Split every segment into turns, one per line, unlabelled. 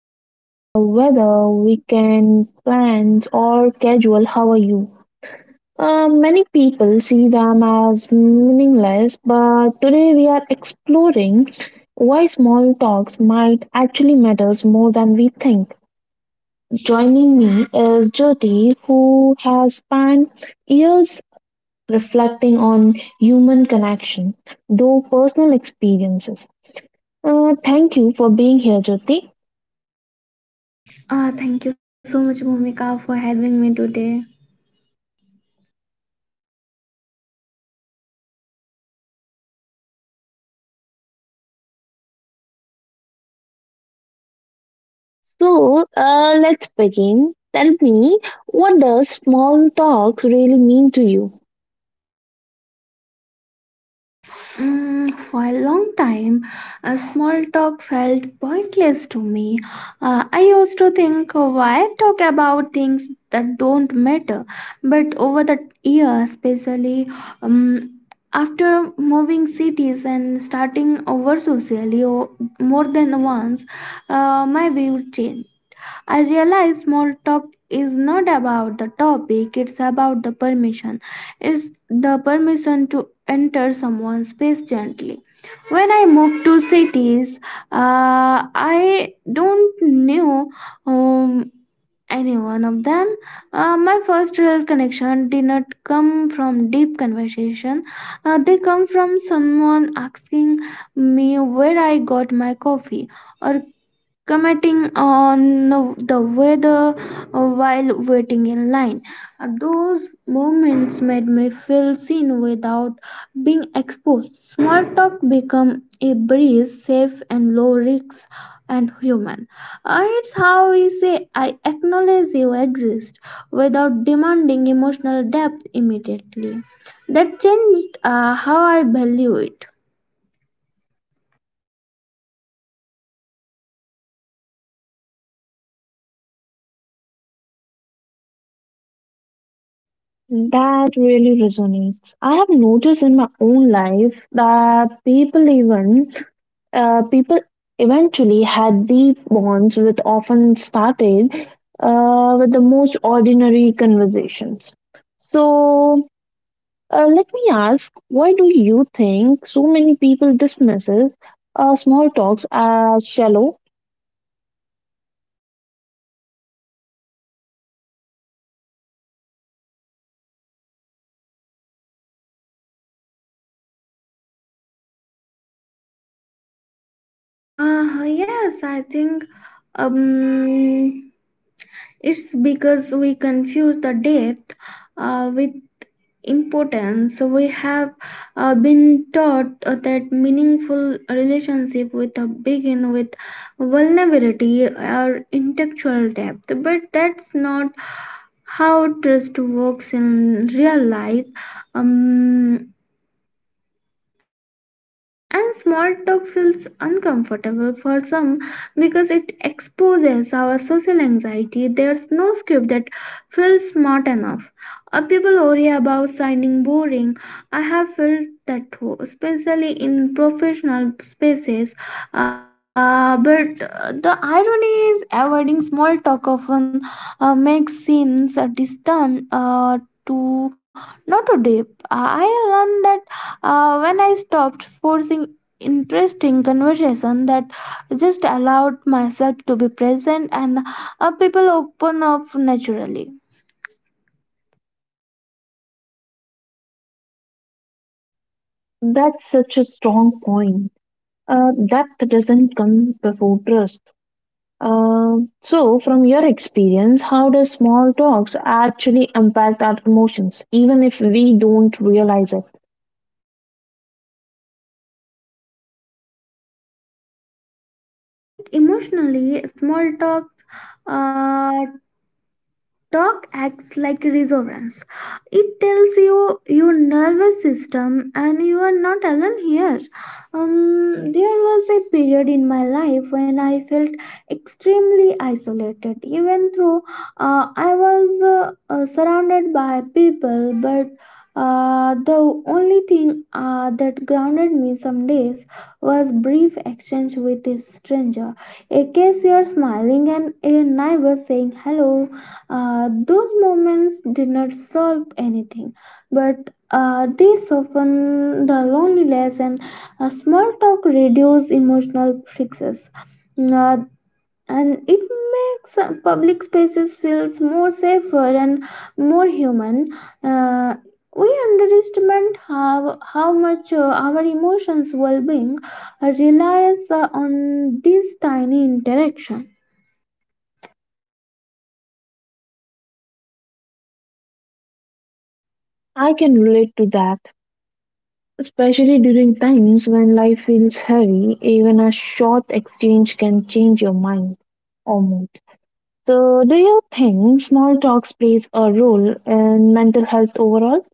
about the weather, weekend plans, or casual how are you? Many people see them as meaningless, but today we are exploring why small talks might actually matters more than we think. Joining me is Jyoti, who has spent years reflecting on human connection, though personal experiences. Thank you for being here, Jyoti.
Thank you so much, Bhumika, for having me today.
So let's begin. Tell me, what does small talks really mean to you?
For a long time, a small talk felt pointless to me. I used to think, why talk about things that don't matter? But over the years, especially um, after moving cities and starting over more than once, my view changed. I realize small talk is not about the topic, it's about the permission. It's the permission to enter someone's space gently. When I moved to cities, I don't knew um, any one of them. My first real connection did not come from deep conversation. They come from someone asking me where I got my coffee or commenting on the weather while waiting in line. Those moments made me feel seen without being exposed. Small talk become a breeze, safe and low risk and human. It's how we say I acknowledge you exist without demanding emotional depth immediately. That changed how I value it.
That really resonates. I have noticed in my own life that people even people eventually had deep bonds with often started with the most ordinary conversations. So let me ask, why do you think so many people dismisses small talks as shallow?
Yes, I think um it's because we confuse the depth with importance. We have been taught that meaningful relationship with a begin with vulnerability or intellectual depth, but that's not how trust works in real life. Um, and small talk feels uncomfortable for some because it exposes our social anxiety. There's no script that feels smart enough. Or people worry about sounding boring. I have felt that too, especially in professional spaces. But the irony is, avoiding small talk often makes seems distant to not too deep. I learned that when I stopped forcing interesting conversation that just allowed myself to be present and people open up naturally.
That's such a strong point. Depth doesn't come before trust. So, from your experience, how does small talks actually impact our emotions, even if we don't realize it?
Like emotionally small uh, Talk acts like a reassurance. It tells you your nervous system and you are not alone here. There was a period in my life when I felt extremely isolated, even though I was surrounded by people. But the only thing that grounded me some days was brief exchange with a stranger, a cashier smiling and a neighbor saying hello. Those moments did not solve anything, but they soften the loneliness and a small talk reduces emotional fixes. Uh, and it makes public spaces feels more safer and more human. Uh, we underestimate how much our emotions well-being relies on these tiny interactions.
I can relate to that, especially during times when life feels heavy. Even a short exchange can change your mind or mood. So, do you think small talks plays a role in mental health overall?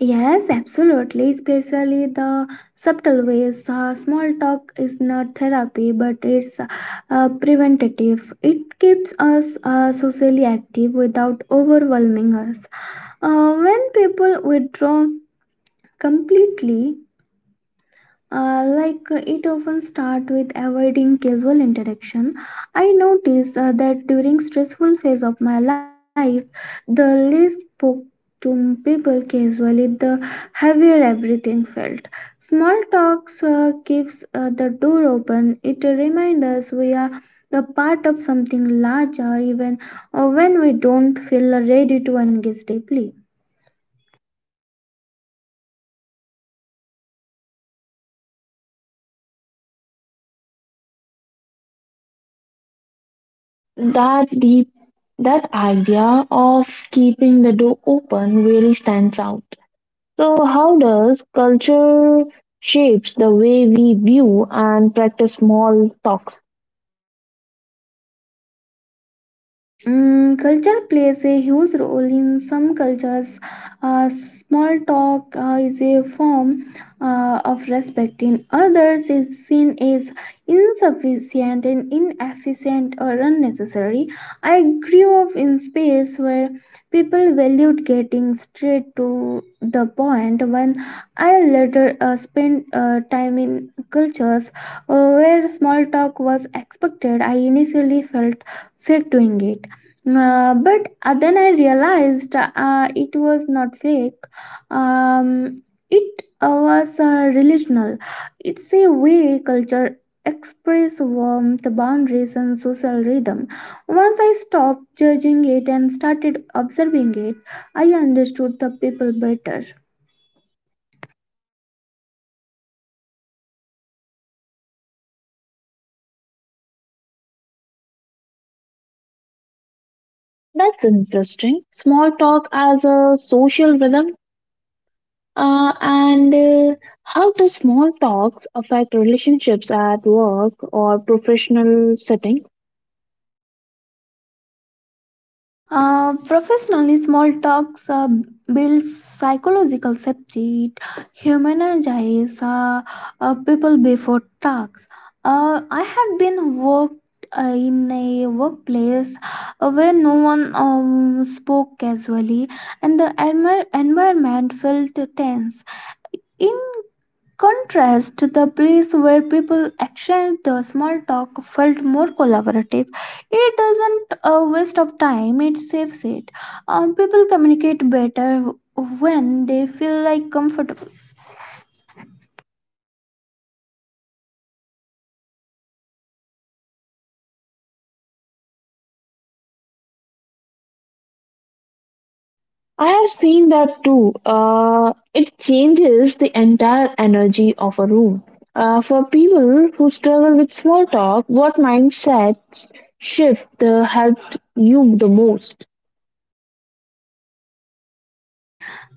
Yes, absolutely. Especially the subtle ways. Small talk is not therapy, but it's preventative. It keeps us socially active without overwhelming us. When people withdraw completely, it often start with avoiding casual interaction. I notice that during stressful phase of my life the least spoke to people casually the heavier everything felt. Small talks keeps the door open. It reminds us we are the part of something larger even when we don't feel ready to engage deeply.
That deep, that idea of keeping the door open really stands out. So how does culture shapes the way we view and practice small talks?
Mm, culture plays a huge role in some cultures. Small talk is a form of respect. In others, is seen as insufficient and inefficient or unnecessary. I grew up in space where people valued getting straight to the point. When I later spent time in cultures where small talk was expected, I initially felt fake doing it. But then I realized it was not fake. Um, it was relational. It's a way culture express warmth, boundaries, and social rhythm. Once I stopped judging it and started observing it, I understood the people better.
That's interesting. Small talk as a social rhythm. And how does small talks affect relationships at work or professional setting?
Professionally, small talks builds psychological safety. It humanizes people before talks. I have been worked in a workplace where no one spoke casually, and the environment felt tense. In contrast, the place where people exchange the small talk felt more collaborative. It doesn't a waste of time; it saves it. People communicate better when they feel like comfortable.
I have seen that too. It changes the entire energy of a room. For people who struggle with small talk, what mindset shift helped you the most?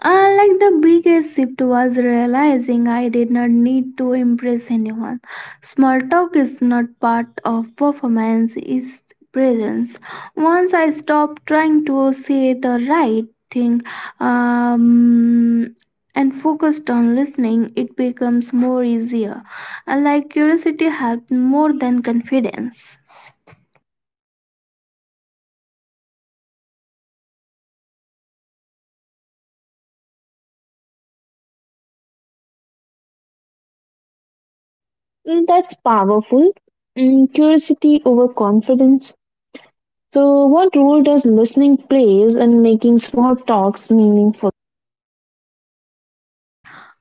Like the biggest shift was realizing I did not need to impress anyone. Small talk is not part of performance, it's presence. Once I stopped trying to say the right thing um, and focused on listening, it becomes more easier. Like curiosity helped more than confidence.
Mm, that's powerful. Mm, curiosity over confidence. So, what role does listening plays in making small talks meaningful?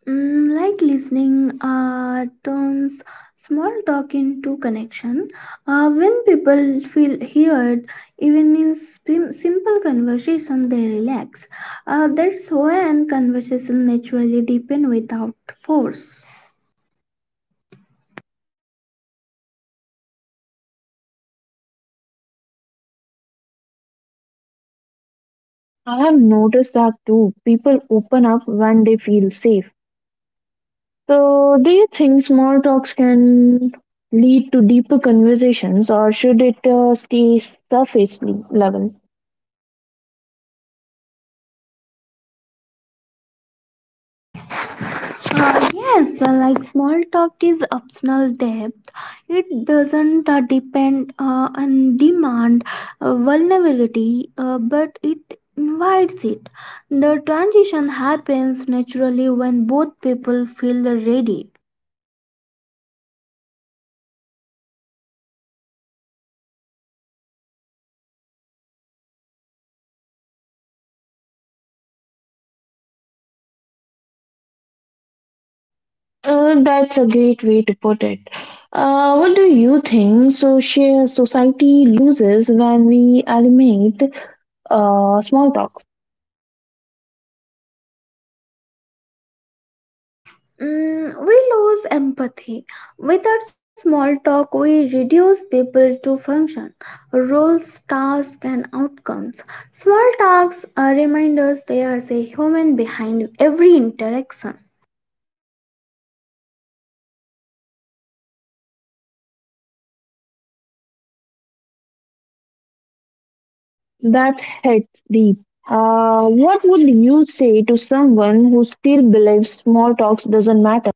Mm, like listening turns small talk into connection. When people feel heard, even in simple conversation, they relax. That's when conversation naturally deepen without force.
I have noticed that too. People open up when they feel safe. So, do you think small talks can lead to deeper conversations or should it stay surface level?
Yes, like small talk is optional depth. It doesn't depend on demand vulnerability, but it invites it. The transition happens naturally when both people feel ready.
That's a great way to put it. What do you think society loses when we eliminate small talk?
Mm, we lose empathy. Without small talk, we reduce people to function, roles, tasks, and outcomes. Small talks remind us there is a human behind every interaction.
That hits deep. What would you say to someone who still believes small talks doesn't matter?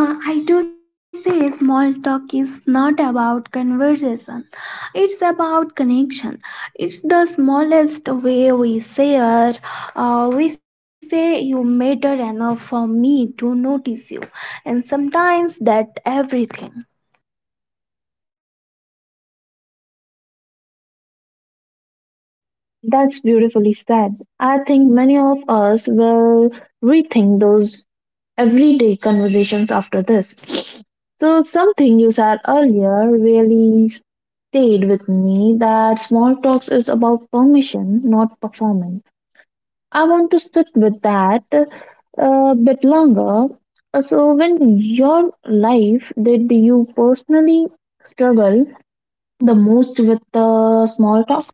I do say small talk is not about conversation. It's about connection. It's the smallest way we share. We say you matter enough for me to notice you, and sometimes that everything.
That's beautifully said. I think many of us will rethink those everyday conversations after this. So, something you said earlier really stayed with me that small talks is about permission, not performance. I want to sit with that a bit longer. So, when your life did you personally struggle the most with the small talk?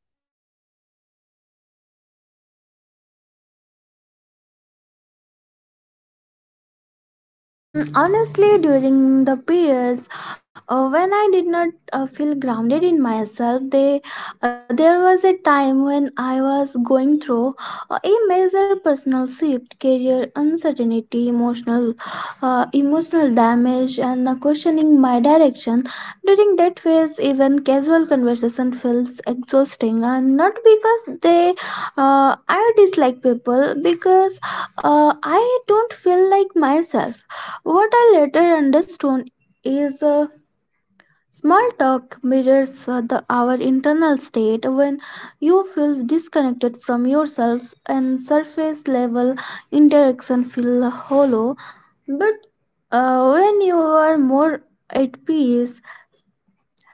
Honestly, during the periods when I did not feel grounded in myself, there was a time when I was going through a major personal shift, career uncertainty, emotional damage, challenge and questioning my direction. During that phase, even casual conversation feels exhausting, and not because they I dislike people, because I don't feel like myself. What I later understood is. Small talk mirrors our internal state when you feel disconnected from yourself and surface level interaction feel hollow, but when you are more at peace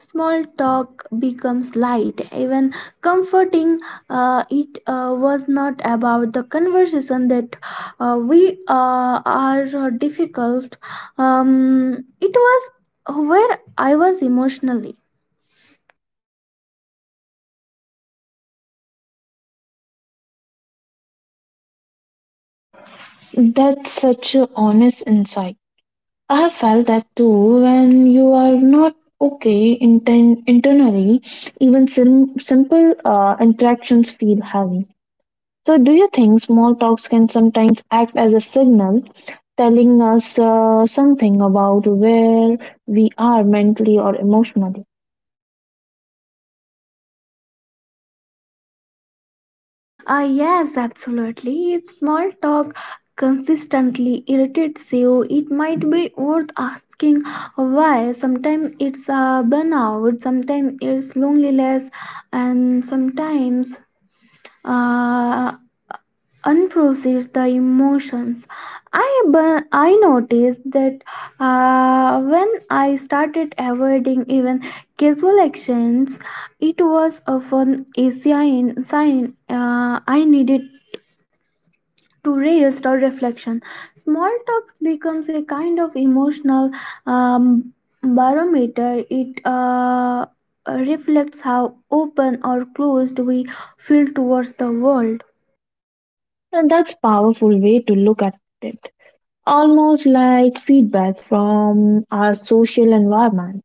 small talk becomes light, even comforting. It was not about the conversation that we are difficult, it was where I was emotionally.
That's such a honest insight. I have felt that too when you are not okay internally, even simple interactions feel heavy. So, do you think small talks can sometimes act as a signal telling us something about where we are mentally or emotionally?
Yes, absolutely. If small talk consistently irritates you, it might be worth asking why. Sometimes it's a burnout, sometimes it's loneliness, and sometimes uh, unprocessed the emotions. I noticed that when I started avoiding even casual actions, it was often a sign I needed to rest or reflection. Small talk becomes a kind of emotional um, barometer. It reflects how open or closed we feel towards the world.
And that's powerful way to look at it. Almost like feedback from our social environment.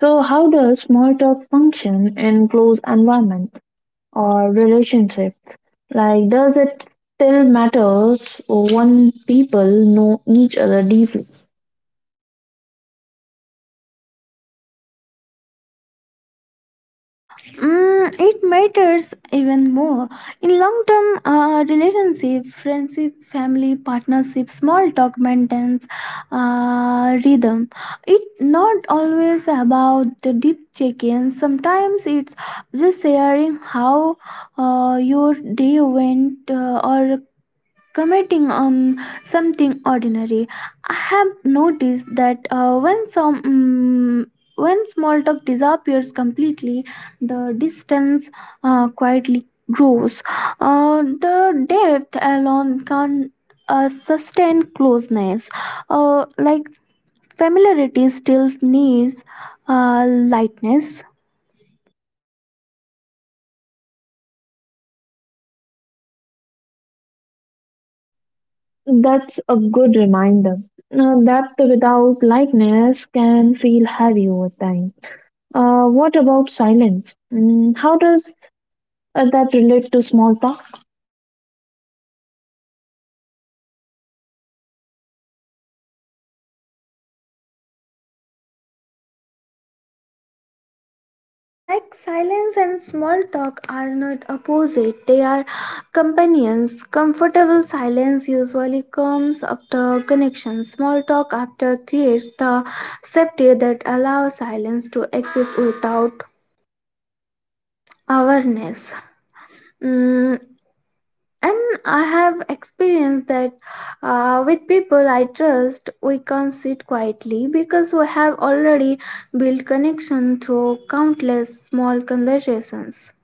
So, how does small talk function in closed environment? Or relationship? Like, does it still matters when people know each other deeply?
Mm, it matters even more in long-term relationship, friendship, family, partnership, small talk maintenance, rhythm. It not always about the deep check-ins. Sometimes it's just sharing how your day went or commenting on something ordinary. I have noticed that when some mm, when small talk disappears completely, the distance quietly grows. The depth alone can't sustain closeness. Like familiarity still needs lightness.
That's a good reminder. Depth without likeness can feel heavy over time. What about silence? Mm, how does that relate to small talk?
Mm, like silence and small talk are not opposite, they are companions. Comfortable silence usually comes after connection. Small talk after creates the safety that allows silence to exist without awareness. Mm, and I have experienced that with people I trust, we can sit quietly because we have already built connection through countless small conversations.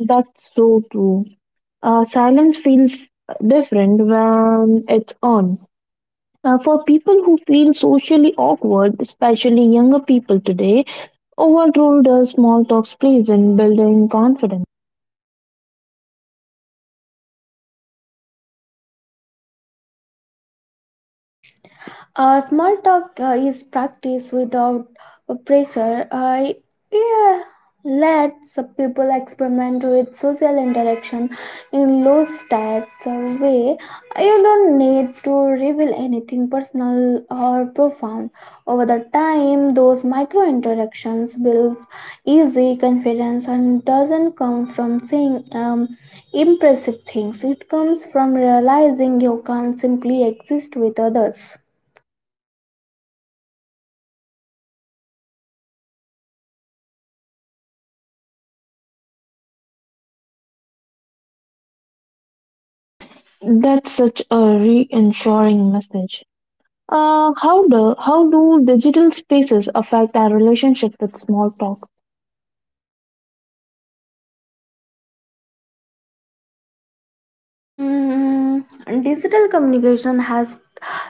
That's so true. Silence feels different when it's on. For people who feel socially awkward, especially younger people today, Overruled her small talks please in building confidence.
Small talk is practice without pressure. I yeah, lets people experiment with social interaction in low stakes way. You don't need to reveal anything personal or profound. Over the time, those micro interactions builds easy confidence and doesn't come from saying impressive things. It comes from realizing you can't simply exist with others.
That's such a reassuring message. How do digital spaces affect our relationship with small talk?
Um, Digital communication has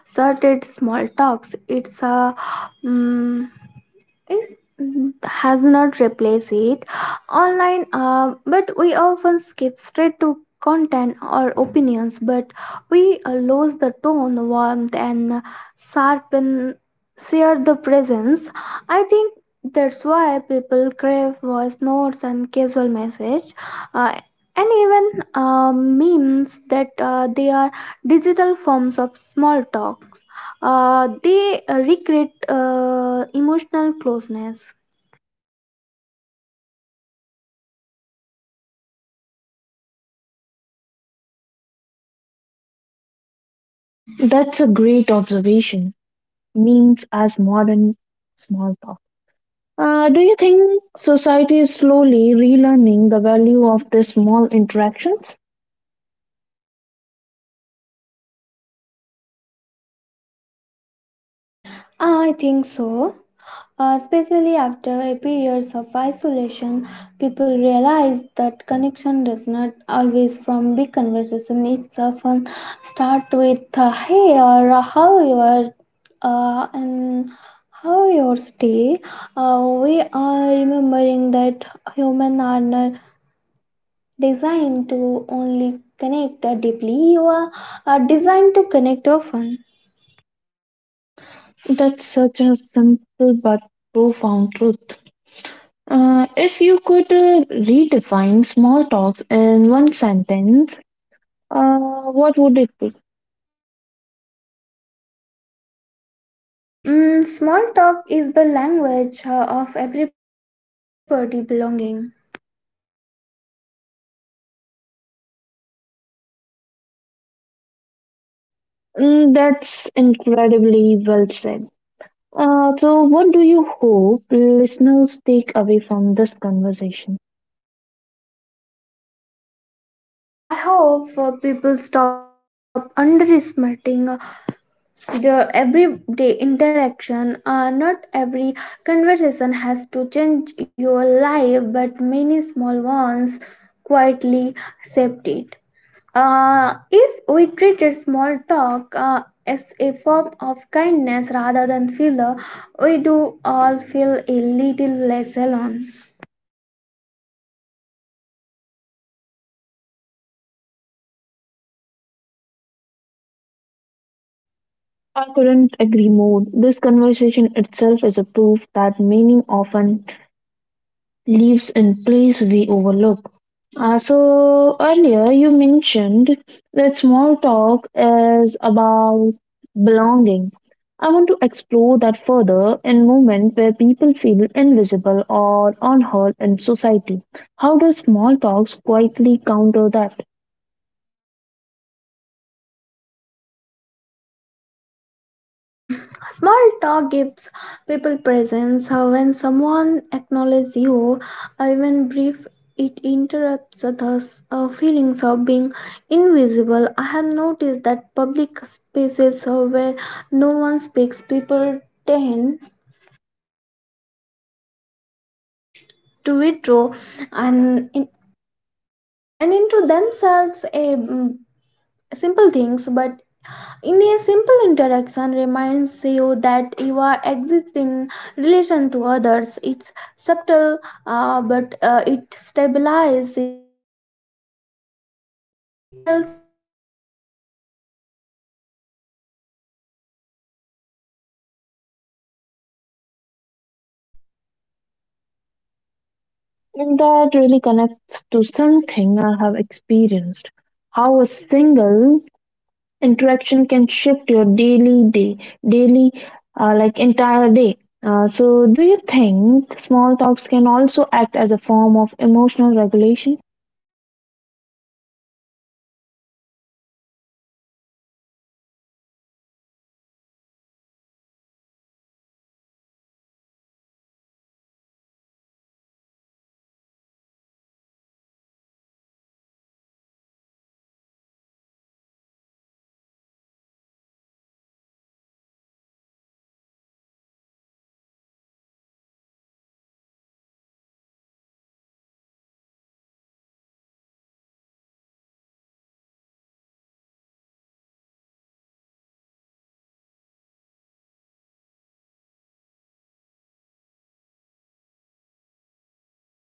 started small talks. It's a um, is has not replaced it online, but we often skip straight to content or opinions, but we lose the tone warmth and sharpen share the presence. I think that's why people crave voice notes and casual message uh, and even memes that they are digital forms of small talk. They recreate emotional closeness.
That's a great observation. Means as modern small talk. Do you think society is slowly relearning the value of these small interactions?
I think so. Especially after a periods of isolation, people realize that connection does not always from big conversation. It's often start with "Hey" or "How you are," and "How your day." Uh, we are remembering that human are not designed to only connect deeply. You are designed to connect often.
That's such a simple but profound truth. If you could redefine small talks in one sentence, uh, what would it be?
Mm, small talk is the language of everybody belonging.
Mm, that's incredibly well said. So, what do you hope listeners take away from this conversation?
I hope people stop underestimating their everyday interaction. Not every conversation has to change your life, but many small ones quietly accept it. If we treated small talk as a form of kindness rather than filler, we do all feel a little less alone.
I couldn't agree more. This conversation itself is a proof that meaning often leaves in place we overlook. So earlier you mentioned that small talk is about belonging. I want to explore that further in moment where people feel invisible or unheard in society. How does small talks quietly counter that?
Mm. Small talk gives people presence. When someone acknowledges you, even brief, it interrupts the feelings of being invisible. I have noticed that public spaces where no one speaks, people tend to withdraw and in. And into themselves. A mm, simple things, but in a simple interaction reminds you that you are exist in relation to others. It's subtle, but it stabilizes you, and it tells you that you are part of the social fabric, not outside it.
And that really connects to something I have experienced. How a single interaction can shift your daily day daily like entire day so do you think small talks can also act as a form of emotional regulation?
Mm, yes, in small doses, it grounded grounds us in present. When you talked about something ordinary, your mind slow down. It pulls you out of everything, um, like overthinking, and into sheer reality. I have had moments of anxiety where a casual actions help me feel anchor again. Not because of what was said, but because of, human is contact was.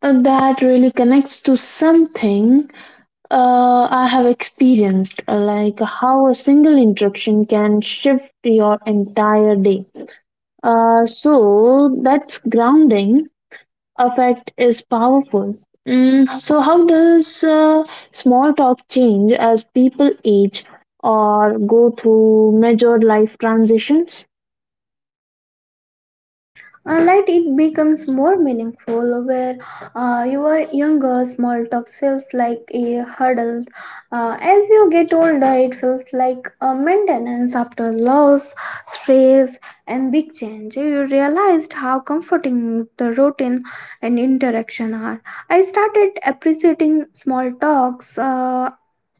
That really connects to something I have experienced like how a single interaction can shift your entire day so that's grounding affect is powerful. Mm, so, how does small talk change as people age or go through major life transitions?
Like it becomes more meaningful where your younger small talks feels like a hurdle. As you get older it feels like a maintenance. After loss, stress and big change, you realized how comforting the routine and interaction are. I started appreciating small talks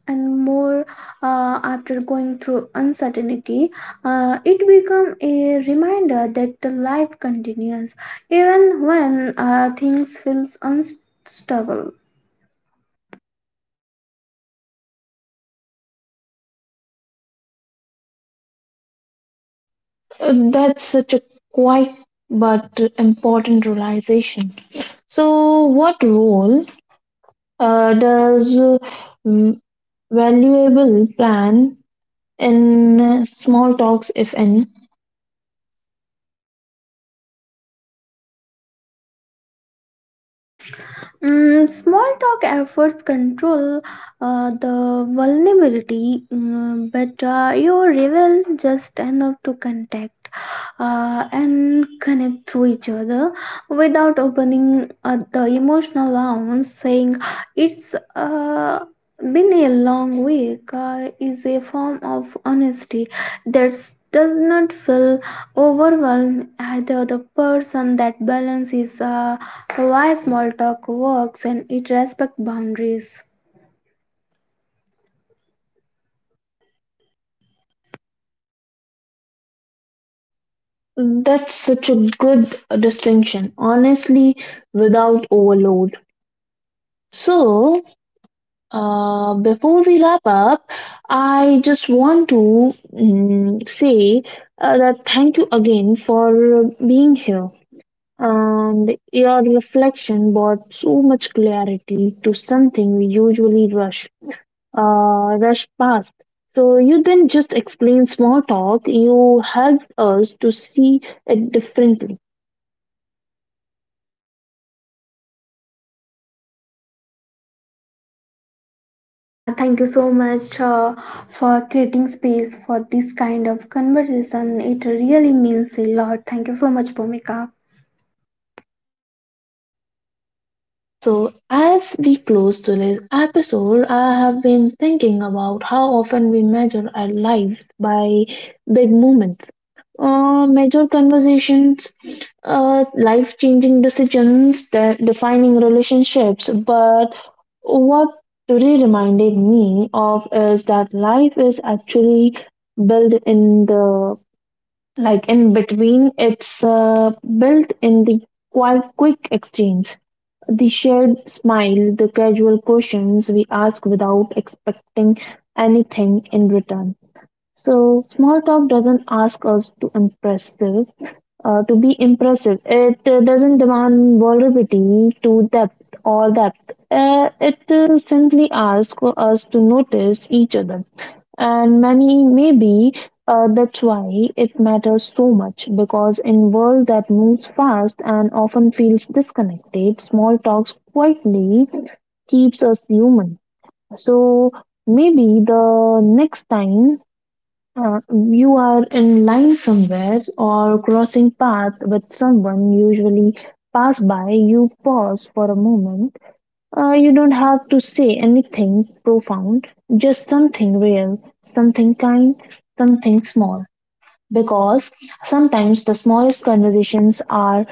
and more after going through uncertainty. It become a reminder that the life continues even when things feels unstable.
That's such a quite but important realization. So, what role does mm, valuable plan in small talks, if any?
Mm, small talk efforts control the vulnerability, mm, but you reveal just enough to contact and connect through each other without opening the emotional wound. Saying it's been a long week is a form of honesty that does not feel overwhelmed either the person. That balance is why small talk works and it respects boundaries.
That's such a good distinction. Honestly, without overload. So, before we wrap up, I just want to say that thank you again for being here. And your reflection brought so much clarity to something we usually rush past. So you didn't just explain small talk; you helped us to see it differently.
Thank you so much for creating space for this kind of conversation. It really means a lot. Thank you so much, Bhumika.
So, as we close today's episode, I have been thinking about how often we measure our lives by big moments, major conversations, life changing decisions, defining relationships. But what today reminded me of is that life is actually built in the like in between, it's built in the quite quick exchange, the shared smile, the casual questions we ask without expecting anything in return. So, small talk doesn't ask us to impress, to be impressive. It doesn't demand vulnerability to depth or depth. It simply asks us to notice each other. And many, maybe that's why it matters so much because in world that moves fast and often feels disconnected, small talks quietly keeps us human. So maybe the next time uh, you are in line somewhere or crossing path with someone usually pass by you pause for a moment, you don't have to say anything profound, just something real, something kind, something small, because sometimes the smallest conversations are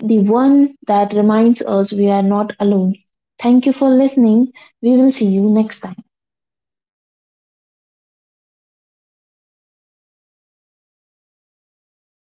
the one that reminds us we are not alone. Thank you for listening. We will see you next time.